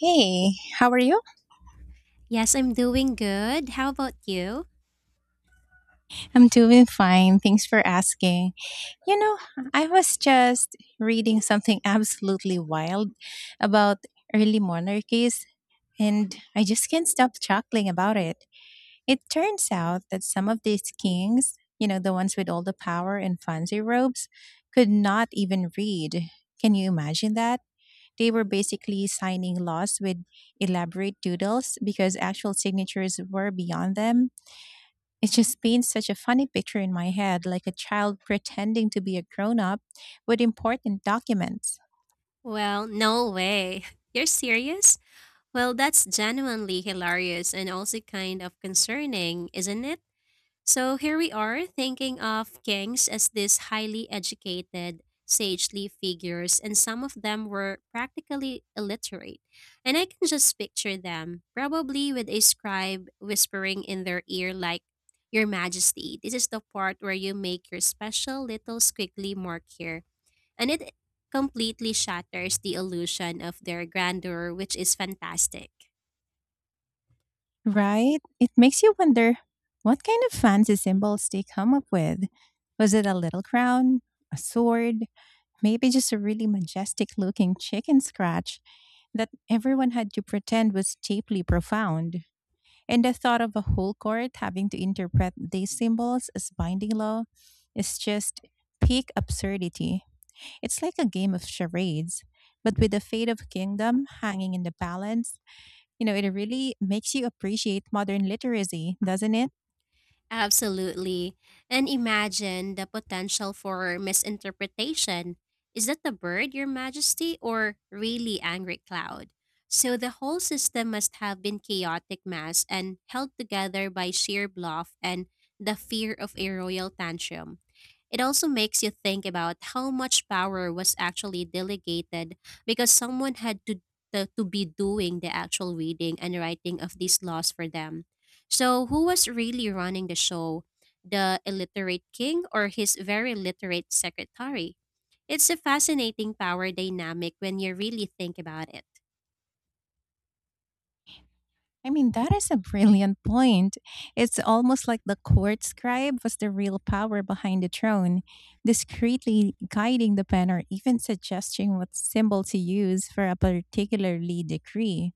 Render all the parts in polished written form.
Hey, how are you? Yes, I'm doing good. How about you? I'm doing fine. Thanks for asking. You know, I was just reading something absolutely wild about early monarchies, and I just can't stop chuckling about it. It turns out that some of these kings, you know, the ones with all the power and fancy robes, could not even read. Can you imagine that? They were basically signing laws with elaborate doodles because actual signatures were beyond them. It just paints such a funny picture in my head, like a child pretending to be a grown up with important documents, Well, no way. You're serious? Well, that's genuinely hilarious and also kind of concerning, isn't it? So here we are thinking of kings as these highly educated, sagely figures, and some of them were practically illiterate. And I can just picture them, probably with a scribe whispering in their ear, like, "Your Majesty, this is the part where you make your special little squiggly mark here." And it completely shatters the illusion of their grandeur, which is fantastic. right? It makes you wonder what kind of fancy symbols they come up with. Was it a little crown, a sword, maybe just a really majestic looking chicken scratch that everyone had to pretend was deeply profound? And the thought of a whole court having to interpret these symbols as binding law is just peak absurdity. It's like a game of charades, but with the fate of kingdom hanging in the balance, you know, it really makes you appreciate modern literacy, doesn't it? Absolutely. And imagine the potential for misinterpretation. "Is that the bird, Your Majesty, or really angry cloud?" So the whole system must have been chaotic mass and held together by sheer bluff and the fear of a royal tantrum. It also makes you think about how much power was actually delegated, because someone had to to be doing the actual reading and writing of these laws for them. So who was really running the show? The illiterate king or his very literate secretary? It's a fascinating power dynamic when you really think about it. I mean, that is a brilliant point. It's almost like the court scribe was the real power behind the throne, discreetly guiding the pen or even suggesting what symbol to use for a particularly decree.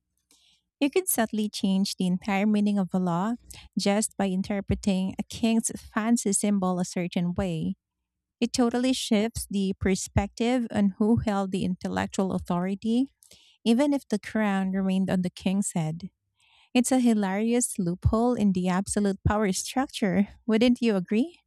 You could subtly change the entire meaning of a law just by interpreting a king's fancy symbol a certain way. It totally shifts the perspective on who held the intellectual authority, even if the crown remained on the king's head. It's a hilarious loophole in the absolute power structure, wouldn't you agree?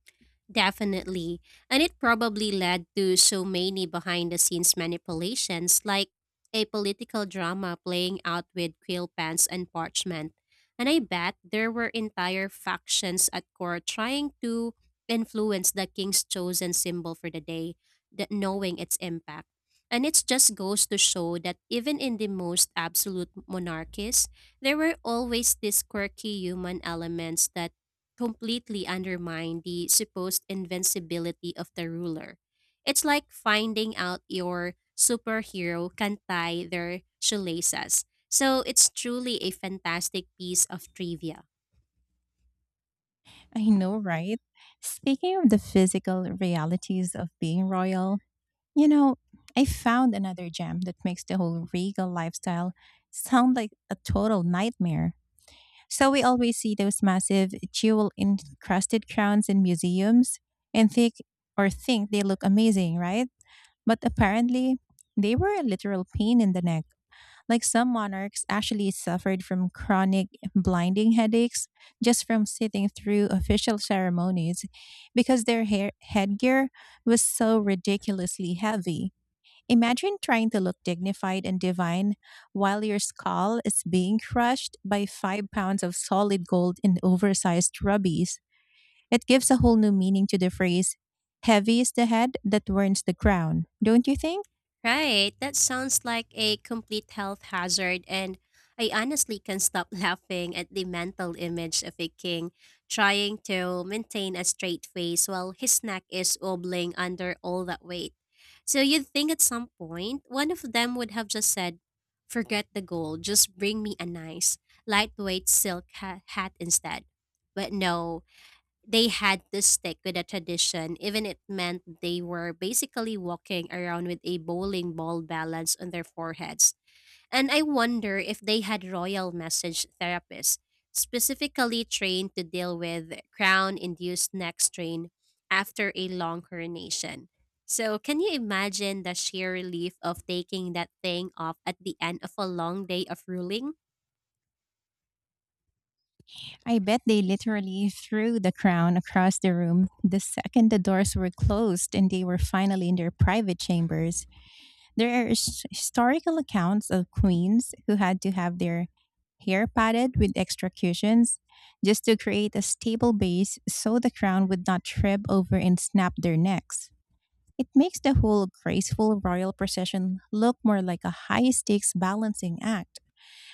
Definitely. And it probably led to so many behind the scenes manipulations, like a political drama playing out with quill pens and parchment. And I bet there were entire factions at court trying to influence the king's chosen symbol for the day, that knowing its impact. And it just goes to show that even in the most absolute monarchies, there were always these quirky human elements that completely undermine the supposed invincibility of the ruler. It's like finding out your superhero can tie their shoelaces. So it's truly a fantastic piece of trivia. I know, right? Speaking of the physical realities of being royal, you know, I found another gem that makes the whole regal lifestyle sound like a total nightmare. So we always see those massive jewel encrusted crowns in museums and think or think they look amazing, right? But apparently, they were a literal pain in the neck. Like some monarchs actually suffered from chronic blinding headaches just from sitting through official ceremonies because their headgear was so ridiculously heavy. Imagine trying to look dignified and divine while your skull is being crushed by 5 pounds of solid gold in oversized rubies. It gives a whole new meaning to the phrase, heavy is the head that turns the crown, don't you think? Right, that sounds like a complete health hazard, and I honestly can't stop laughing at the mental image of a king trying to maintain a straight face while his neck is wobbling under all that weight. So you'd think at some point one of them would have just said, "Forget the gold, just bring me a nice, lightweight silk hat instead." But no, they had to stick with a tradition, even it meant they were basically walking around with a bowling ball balanced on their foreheads. And I wonder if they had royal message therapists, specifically trained to deal with crown induced neck strain after a long coronation. So, can you imagine the sheer relief of taking that thing off at the end of a long day of ruling? I bet they literally threw the crown across the room the second the doors were closed and they were finally in their private chambers. There are historical accounts of queens who had to have their hair padded with extra cushions just to create a stable base so the crown would not trip over and snap their necks. It makes the whole graceful royal procession look more like a high stakes balancing act,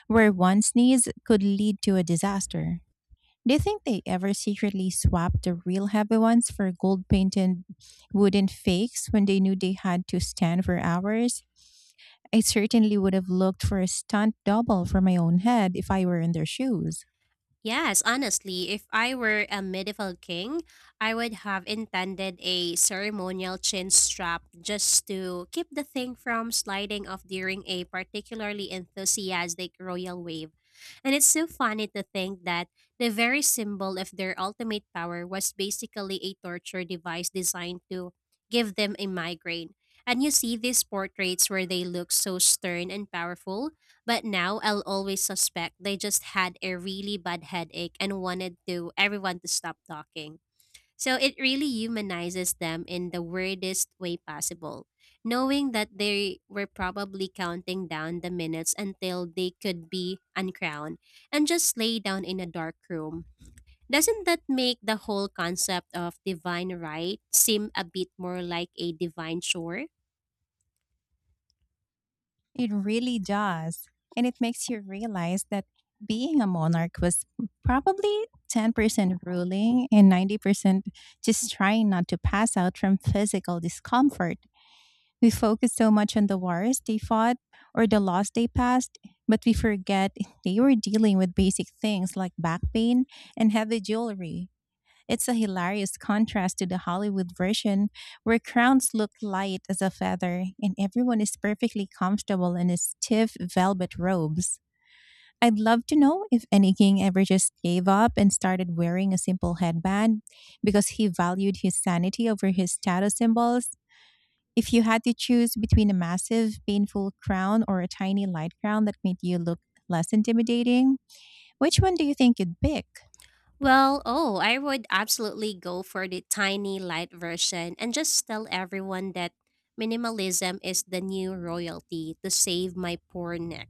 where one sneeze could lead to a disaster. Do you think they ever secretly swapped the real heavy ones for gold painted wooden fakes when they knew they had to stand for hours? I certainly would have looked for a stunt double for my own head if I were in their shoes. Yes, honestly, if I were a medieval king, I would have intended a ceremonial chin strap just to keep the thing from sliding off during a particularly enthusiastic royal wave. And it's so funny to think that the very symbol of their ultimate power was basically a torture device designed to give them a migraine. And you see these portraits where they look so stern and powerful, but now I'll always suspect they just had a really bad headache and wanted to everyone to stop talking. So it really humanizes them in the weirdest way possible, knowing that they were probably counting down the minutes until they could be uncrowned and just lay down in a dark room. Doesn't that make the whole concept of divine right seem a bit more like a divine chore? It really does. And it makes you realize that being a monarch was probably 10% ruling and 90% just trying not to pass out from physical discomfort. We focus so much on the wars they fought or the laws they passed, but we forget they were dealing with basic things like back pain and heavy jewelry. It's a hilarious contrast to the Hollywood version, where crowns look light as a feather and everyone is perfectly comfortable in his stiff velvet robes. I'd love to know if any king ever just gave up and started wearing a simple headband because he valued his sanity over his status symbols if you had to choose between a massive, painful crown or a tiny light crown that made you look less intimidating, which one do you think you'd pick? Well, oh, I would absolutely go for the tiny light version and just tell everyone that minimalism is the new royalty to save my poor neck.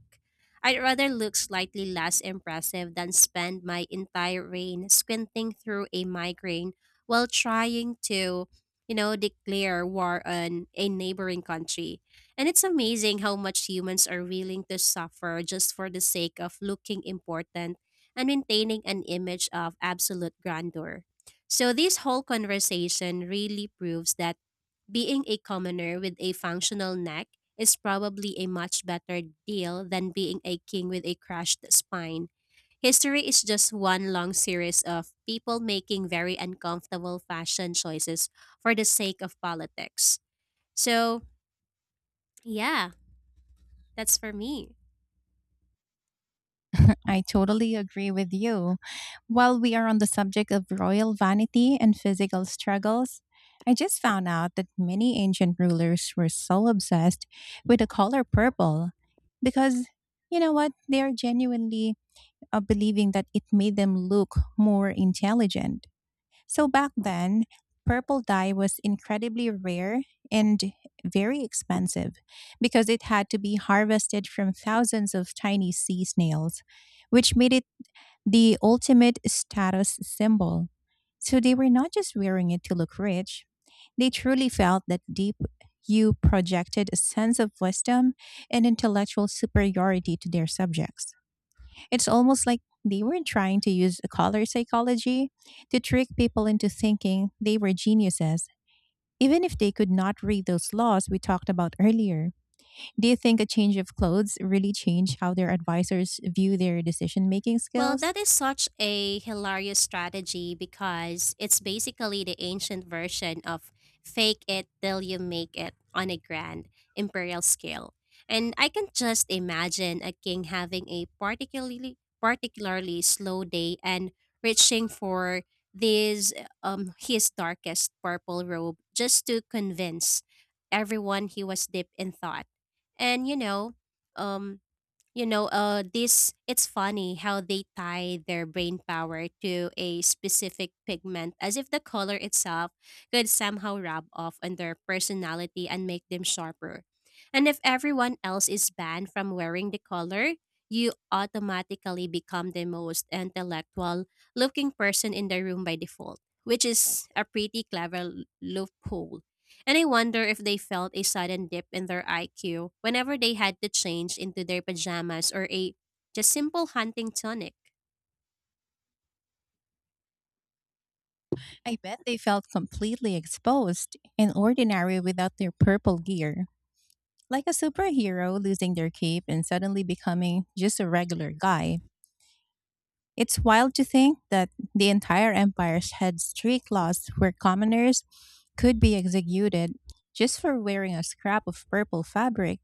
I'd rather look slightly less impressive than spend my entire reign squinting through a migraine while trying to, you know, declare war on a neighboring country. And it's amazing how much humans are willing to suffer just for the sake of looking important and maintaining an image of absolute grandeur. So, this whole conversation really proves that being a commoner with a functional neck is probably a much better deal than being a king with a crushed spine. History is just one long series of people making very uncomfortable fashion choices for the sake of politics. So, yeah, that's for me. I totally agree with you. While we are on the subject of royal vanity and physical struggles, I just found out that many ancient rulers were so obsessed with the color purple because, you know what, they are genuinely believing that it made them look more intelligent. So back then, purple dye was incredibly rare and very expensive because it had to be harvested from thousands of tiny sea snails, which made it the ultimate status symbol. So they were not just wearing it to look rich, they truly felt that deep you projected a sense of wisdom and intellectual superiority to their subjects. It's almost like they were trying to use color psychology to trick people into thinking they were geniuses, even if they could not read those laws we talked about earlier. Do you think a change of clothes really changed how their advisors view their decision making Well, skills? that is such a hilarious strategy because it's basically the ancient version of fake it till you make it on a grand imperial scale. And I can just imagine a king having a particularly slow day and reaching for this his darkest purple robe just to convince everyone he was deep in thought. And you know, um this it's funny how they tie their brain power to a specific pigment, as if the color itself could somehow rub off on their personality and make them sharper. And if everyone else is banned from wearing the color, you automatically become the most intellectual looking person in the room by default, which is a pretty clever loophole. And I wonder if they felt a sudden dip in their IQ whenever they had to change into their pajamas or a just simple hunting tonic. I bet they felt completely exposed and ordinary without their purple gear. Like a superhero losing their cape and suddenly becoming just a regular guy. It's wild to think that the entire empires had strict laws where commoners could be executed just for wearing a scrap of purple fabric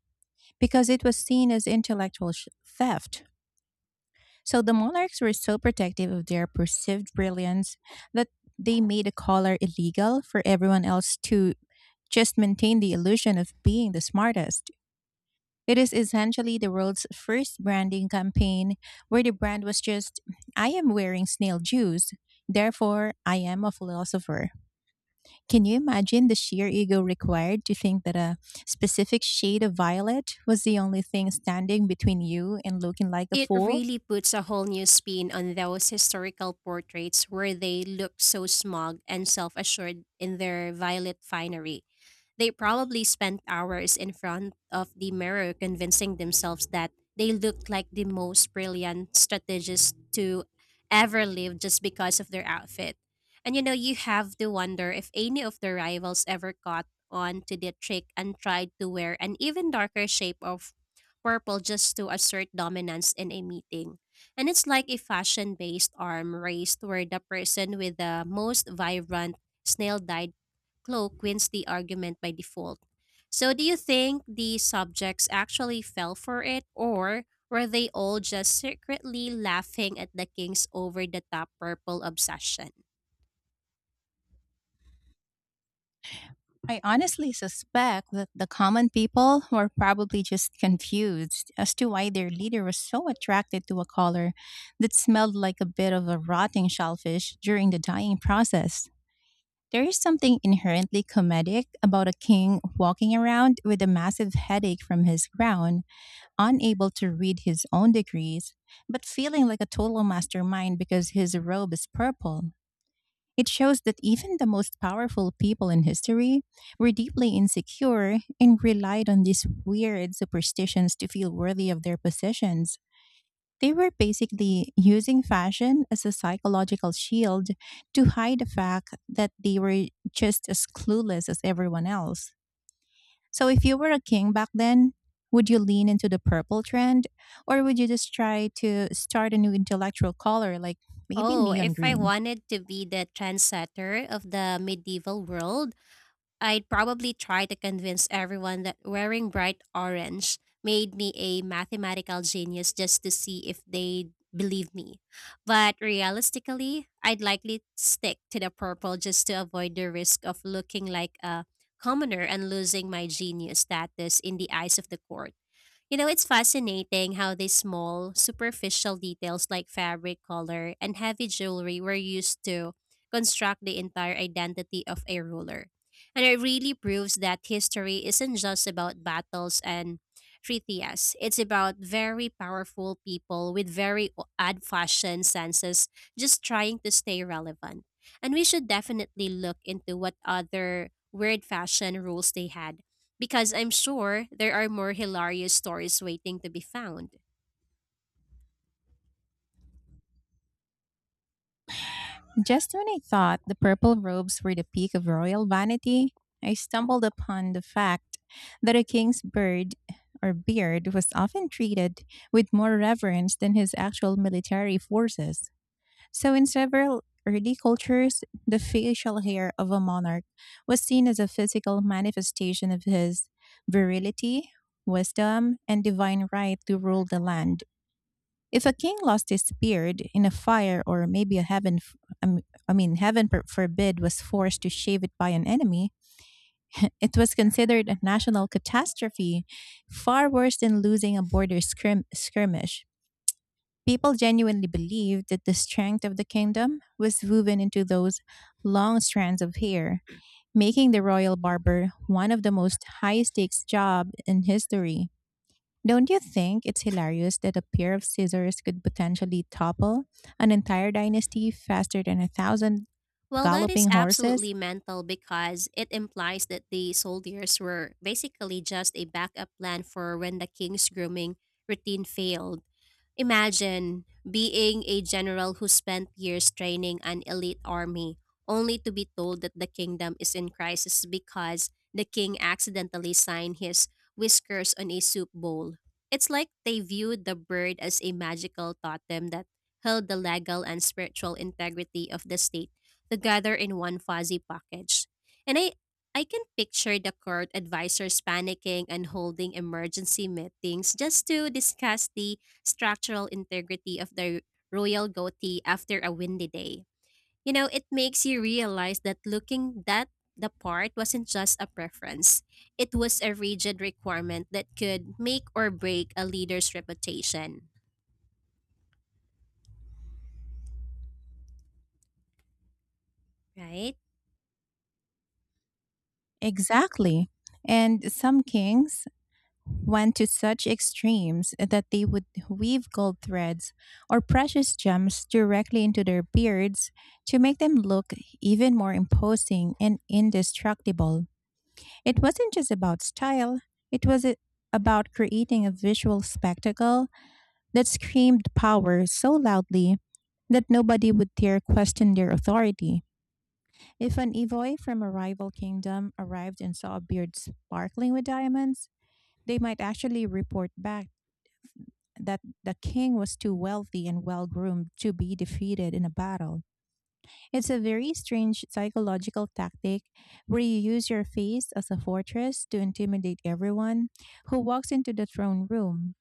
because it was seen as intellectual theft. So the monarchs were so protective of their perceived brilliance that they made a collar illegal for everyone else to just maintain the illusion of being the smartest. It is essentially the world's first branding campaign where the brand was just, I am wearing snail juice, therefore I am a philosopher. Can you imagine the sheer ego required to think that a specific shade of violet was the only thing standing between you and looking like a It fool? really puts a whole new spin on those historical portraits where they look so smug and self assured in their violet finery. They probably spent hours in front of the mirror convincing themselves that they looked like the most brilliant strategist to ever live just because of their outfit. And you know, you have to wonder if any of their rivals ever caught on to the trick and tried to wear an even darker shape of purple just to assert dominance in a meeting. And it's like a fashion based arm race where the person with the most vibrant snail cloak wins the argument by default. So, do you think the subjects actually fell for it, or were they all just secretly laughing at the king's over the top purple obsession? I honestly suspect that the common people were probably just confused as to why their leader was so attracted to a color that smelled like a bit of a rotting shellfish during the dyeing process. There is something inherently comedic about a king walking around with a massive headache from his crown, unable to read his own degrees, but feeling like a total mastermind because his robe is purple. It shows that even the most powerful people in history were deeply insecure and relied on these weird superstitions to feel worthy of their positions. They were basically using fashion as a psychological shield to hide the fact that they were just as clueless as everyone else. So, if you were a king back then, would you lean into the purple trend or would you just try to start a new intellectual color like maybe Oh, neon if I green? wanted to be the trendsetter of the medieval world, I'd probably try to convince everyone that wearing bright orange made me a mathematical genius just to see if they'd believe me. But realistically, I'd likely stick to the purple just to avoid the risk of looking like a commoner and losing my genius status in the eyes of the court. You know, it's fascinating how these small, superficial details like fabric color and heavy jewelry were used to construct the entire identity of a ruler. And it really proves that history isn't just about battles and treaties. It's about very powerful people with very odd fashion senses just trying to stay relevant. And we should definitely look into what other weird fashion rules they had, because I'm sure there are more hilarious stories waiting to be found. Just when I thought the purple robes were the peak of royal vanity, I stumbled upon the fact that a king's bird or beard was often treated with more reverence than his actual military forces. So, in several early cultures, the facial hair of a monarch was seen as a physical manifestation of his virility, wisdom, and divine right to rule the land. If a king lost his beard in a fire, or maybe a heaven, um, I mean, heaven forbid, was forced to shave it by an enemy, it was considered a national catastrophe, far worse than losing a border skirmish. People genuinely believed that the strength of the kingdom was woven into those long strands of hair, making the royal barber one of the most high stakes jobs in history. Don't you think it's hilarious that a pair of scissors could potentially topple an entire dynasty faster than a thousand Well, that is galloping horses? absolutely mental, because it implies that the soldiers were basically just a backup plan for when the king's grooming routine failed. Imagine being a general who spent years training an elite army only to be told that the kingdom is in crisis because the king accidentally signed his whiskers on a soup bowl. It's like they viewed the bird as a magical totem that held the legal and spiritual integrity of the state together in one fuzzy package. And I can picture the court advisors panicking and holding emergency meetings just to discuss the structural integrity of the royal goatee after a windy day. You know, it makes you realize that looking that the part wasn't just a preference. It was a rigid requirement that could make or break a leader's reputation, right? Exactly. And some kings went to such extremes that they would weave gold threads or precious gems directly into their beards to make them look even more imposing and indestructible. It wasn't just about style, it was a- about creating a visual spectacle that screamed power so loudly that nobody would dare question their authority. If an Evoi from a rival kingdom arrived and saw a beard sparkling with diamonds, they might actually report back that the king was too wealthy and well groomed to be defeated in a battle. It's a very strange psychological tactic where you use your face as a fortress to intimidate everyone who walks into the throne room.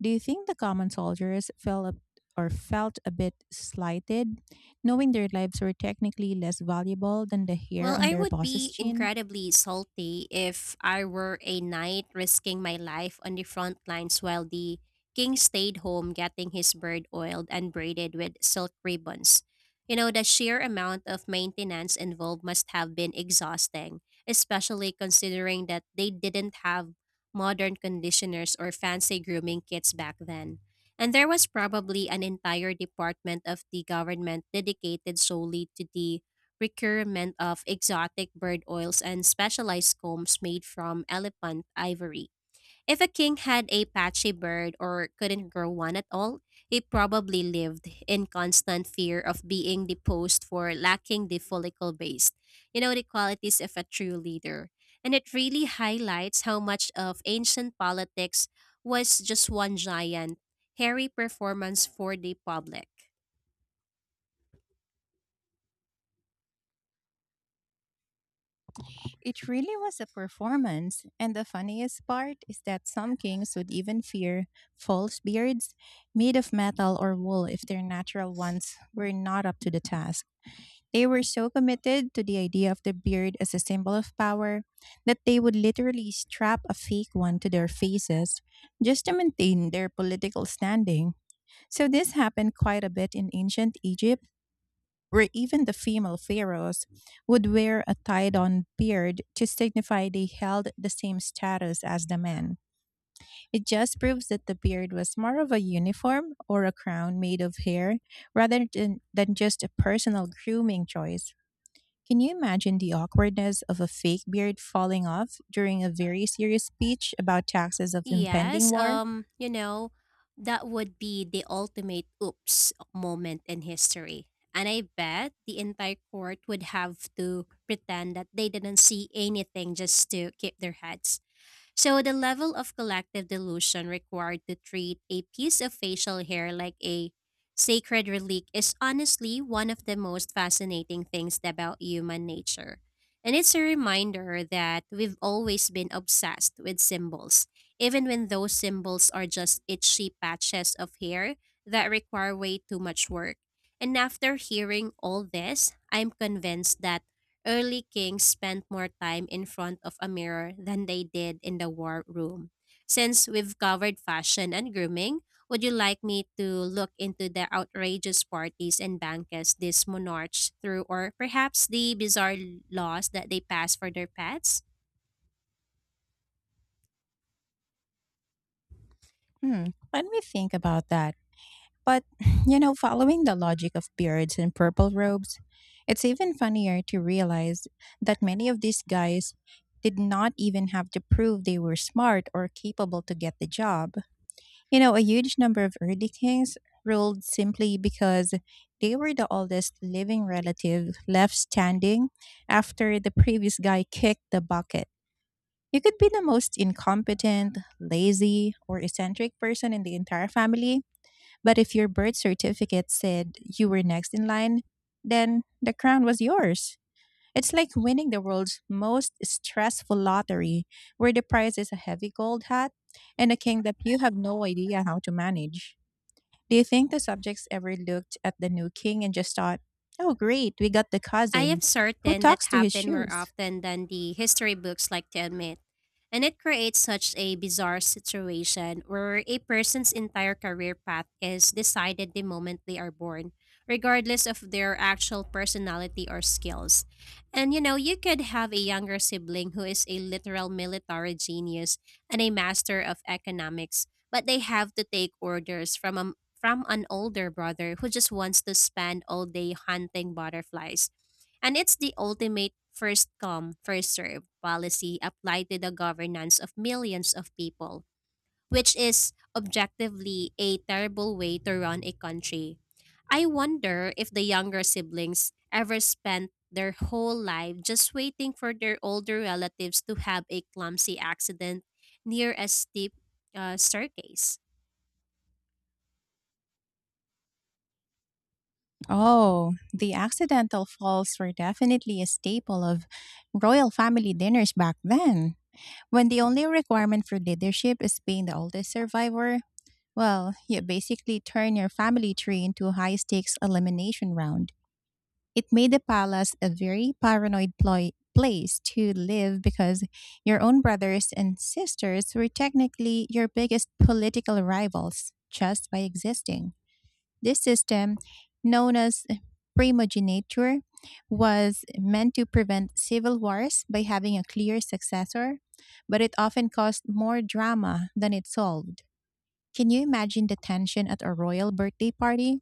Do you think the common soldiers or felt a bit slighted, knowing their lives were technically less valuable than the hair Well, on I their would boss's be chin? incredibly salty if I were a knight risking my life on the front lines while the king stayed home getting his bird oiled and braided with silk ribbons. You know, the sheer amount of maintenance involved must have been exhausting, especially considering that they didn't have modern conditioners or fancy grooming kits back then. And there was probably an entire department of the government dedicated solely to the procurement of exotic bird oils and specialized combs made from elephant ivory. If a king had a patchy bird or couldn't grow one at all, he probably lived in constant fear of being deposed for lacking the follicle base, you know, the qualities of a true leader. And it really highlights how much of ancient politics was just one giant, hairy performance for the public. It really was a performance, and the funniest part is that some kings would even fear false beards made of metal or wool if their natural ones were not up to the task. They were so committed to the idea of the beard as a symbol of power that they would literally strap a fake one to their faces just to maintain their political standing. So, this happened quite a bit in ancient Egypt, where even the female pharaohs would wear a tied on beard to signify they held the same status as the men. It just proves that the beard was more of a uniform or a crown made of hair rather than, just a personal grooming choice. Can you imagine the awkwardness of a fake beard falling off during a very serious speech about taxes of impending Yes, war? You know, that would be the ultimate oops moment in history. And I bet the entire court would have to pretend that they didn't see anything just to keep their heads. So the level of collective delusion required to treat a piece of facial hair like a sacred relic is honestly one of the most fascinating things about human nature. And it's a reminder that we've always been obsessed with symbols, even when those symbols are just itchy patches of hair that require way too much work. And after hearing all this, I'm convinced that early kings spent more time in front of a mirror than they did in the war room. Since we've covered fashion and grooming, would you like me to look into the outrageous parties and banquets these monarchs threw, or perhaps the bizarre laws that they passed for their pets? Hmm, let me think about that. But, following the logic of beards and purple robes, it's even funnier to realize that many of these guys did not even have to prove they were smart or capable to get the job. A huge number of early kings ruled simply because they were the oldest living relative left standing after the previous guy kicked the bucket. You could be the most incompetent, lazy, or eccentric person in the entire family, but if your birth certificate said you were next in line, then the crown was yours. It's like winning the world's most stressful lottery, where the prize is a heavy gold hat and a king that you have no idea how to manage. Do you think the subjects ever looked at the new king and just thought, oh, great, we got the I cousin? am Who certain that talks to his happened more shoes? often than the history books like to admit. And it creates such a bizarre situation where a person's entire career path is decided the moment they are born, regardless of their actual personality or skills. And you know, you could have a younger sibling who is a literal military genius and a master of economics, but they have to take orders from a from an older brother who just wants to spend all day hunting butterflies. And it's the ultimate first come, first serve policy applied to the governance of millions of people, which is objectively a terrible way to run a country. I wonder if the younger siblings ever spent their whole life just waiting for their older relatives to have a clumsy accident near a steep staircase. Oh, the accidental falls were definitely a staple of royal family dinners back then. When the only requirement for leadership is being the oldest survivor, well, you basically turn your family tree into a high stakes elimination round. It made the palace a very paranoid place to live, because your own brothers and sisters were technically your biggest political rivals just by existing. This system, known as primogeniture, was meant to prevent civil wars by having a clear successor, but it often caused more drama than it solved. Can you imagine the tension at a royal birthday party,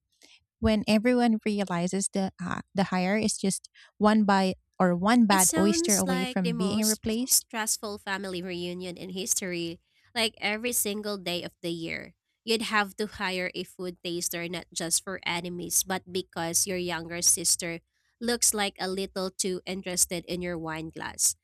when everyone realizes the the hire is just one by, or one It bad oyster sounds away like from the being most replaced? stressful family reunion in history. Like every single day of the year, you'd have to hire a food taster not just for enemies, but because your younger sister looks like a little too interested in your wine glass.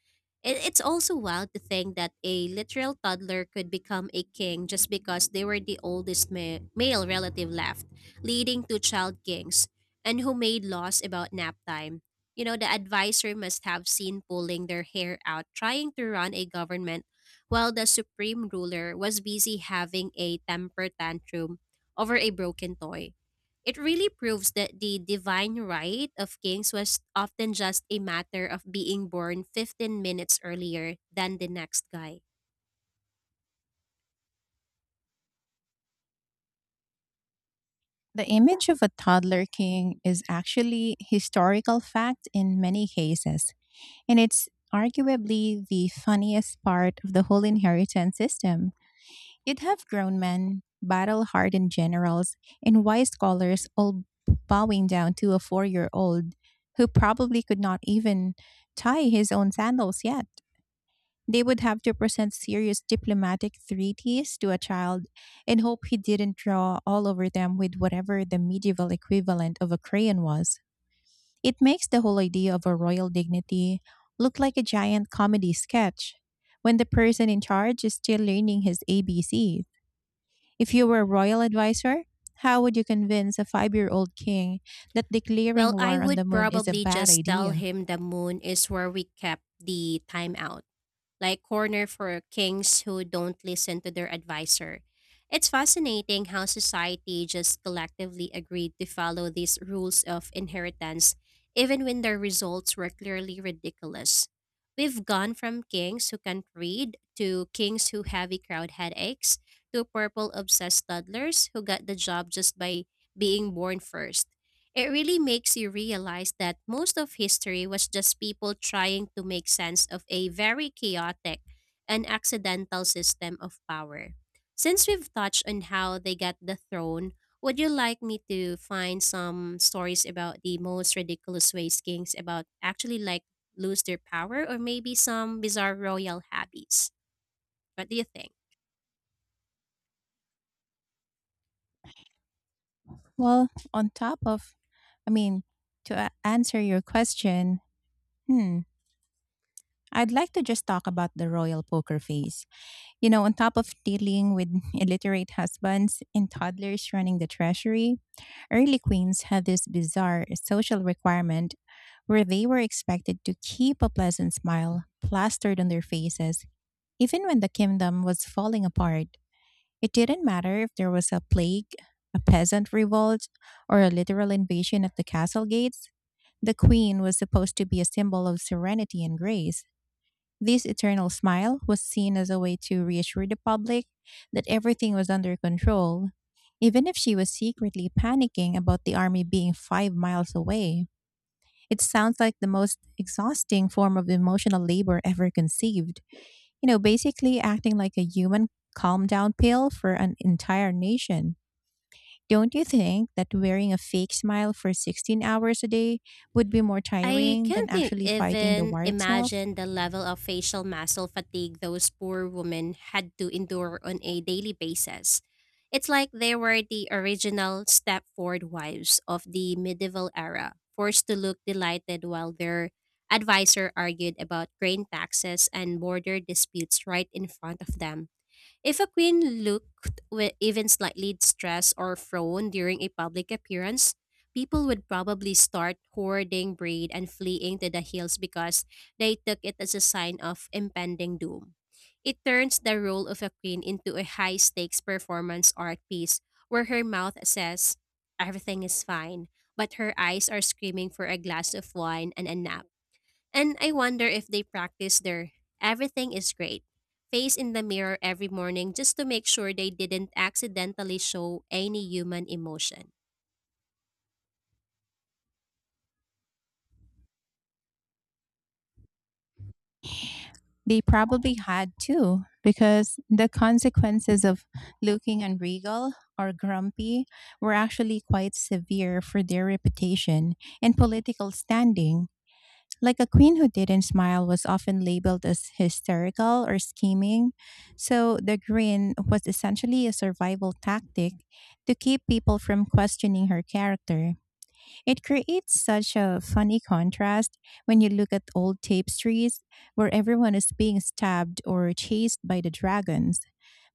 It's also wild to think that a literal toddler could become a king just because they were the oldest male relative left, leading to child kings, and who made laws about nap time. The advisor must have seen pulling their hair out trying to run a government while the supreme ruler was busy having a temper tantrum over a broken toy. It really proves that the divine right of kings was often just a matter of being born 15 minutes earlier than the next guy. The image of a toddler king is actually historical fact in many cases, and it's arguably the funniest part of the whole inheritance system. You'd have grown men, battle-hardened generals, and wise scholars all bowing down to a 4-year-old who probably could not even tie his own sandals yet. They would have to present serious diplomatic treaties to a child and hope he didn't draw all over them with whatever the medieval equivalent of a crayon was. It makes the whole idea of a royal dignity look like a giant comedy sketch when the person in charge is still learning his ABCs. If you were a royal advisor, how would you convince a 5-year-old king that declaring Well, I war on the would moon is a probably bad just tell idea? him the moon is where we kept the time out, like, corner for kings who don't listen to their advisor. It's fascinating how society just collectively agreed to follow these rules of inheritance, even when their results were clearly ridiculous. We've gone from kings who can't read, to kings who have crowd headaches, to purple obsessed toddlers who got the job just by being born first. It really makes you realize that most of history was just people trying to make sense of a very chaotic and accidental system of power. Since we've touched on how they got the throne, would you like me to find some stories about the most ridiculous ways kings about actually like lose their power, or maybe some bizarre royal habits? What do you think? Well, on top of, I mean, to answer your question, hmm, I'd like to just talk about the royal poker face. On top of dealing with illiterate husbands and toddlers running the treasury, early queens had this bizarre social requirement where they were expected to keep a pleasant smile plastered on their faces, even when the kingdom was falling apart. It didn't matter if there was a plague, a peasant revolt, or a literal invasion at the castle gates. The queen was supposed to be a symbol of serenity and grace. This eternal smile was seen as a way to reassure the public that everything was under control, even if she was secretly panicking about the army being 5 miles away. It sounds like the most exhausting form of emotional labor ever conceived. Basically acting like a human calm down pill for an entire nation. Don't you think that wearing a fake smile for 16 hours a day would be more I tiring than can't actually fighting the even war itself? imagine the level of facial muscle fatigue those poor women had to endure on a daily basis. It's like they were the original Stepford wives of the medieval era, forced to look delighted while their advisor argued about grain taxes and border disputes right in front of them. If a queen looked even slightly stressed or frown during a public appearance, people would probably start hoarding bread and fleeing to the hills, because they took it as a sign of impending doom. It turns the role of a queen into a high stakes performance art piece where her mouth says, "Everything is fine," but her eyes are screaming for a glass of wine and a nap. And I wonder if they practice their "everything is great" face in the mirror every morning, just to make sure they didn't accidentally show any human emotion. They probably had to, because the consequences of looking unregal or grumpy were actually quite severe for their reputation and political standing. Like, a queen who didn't smile was often labeled as hysterical or scheming. So the grin was essentially a survival tactic to keep people from questioning her character. It creates such a funny contrast when you look at old tapestries where everyone is being stabbed or chased by the dragons,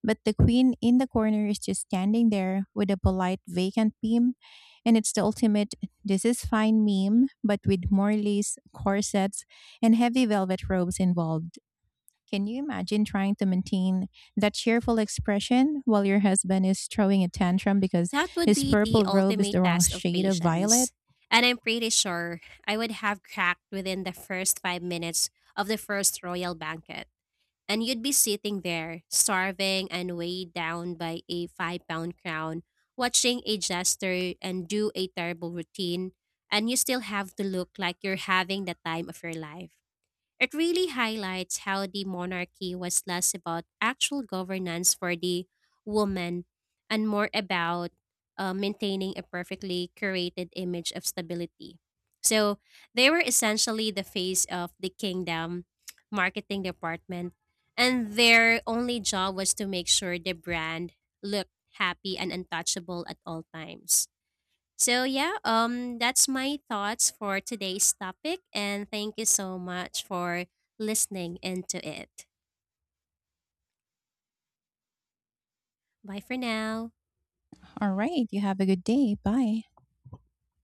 but the queen in the corner is just standing there with a polite vacant beam. And it's the ultimate this is fine meme, but with more lace corsets and heavy velvet robes involved. Can you imagine trying to maintain that cheerful expression while your husband is throwing a tantrum because That would his be the purple robe is ultimate the wrong test of shade of violet? patience. And I'm pretty sure I would have cracked within the first 5 minutes of the first royal banquet. And you'd be sitting there, starving and weighed down by a 5-pound crown, watching a jester and do a terrible routine, and you still have to look like you're having the time of your life. It really highlights how the monarchy was less about actual governance for the woman, and more about maintaining a perfectly curated image of stability. So they were essentially the face of the kingdom marketing department, and their only job was to make sure the brand looked happy and untouchable at all times. So yeah, that's my thoughts for today's topic, and thank you so much for listening into it. Bye for now. All right, you have a good day. Bye.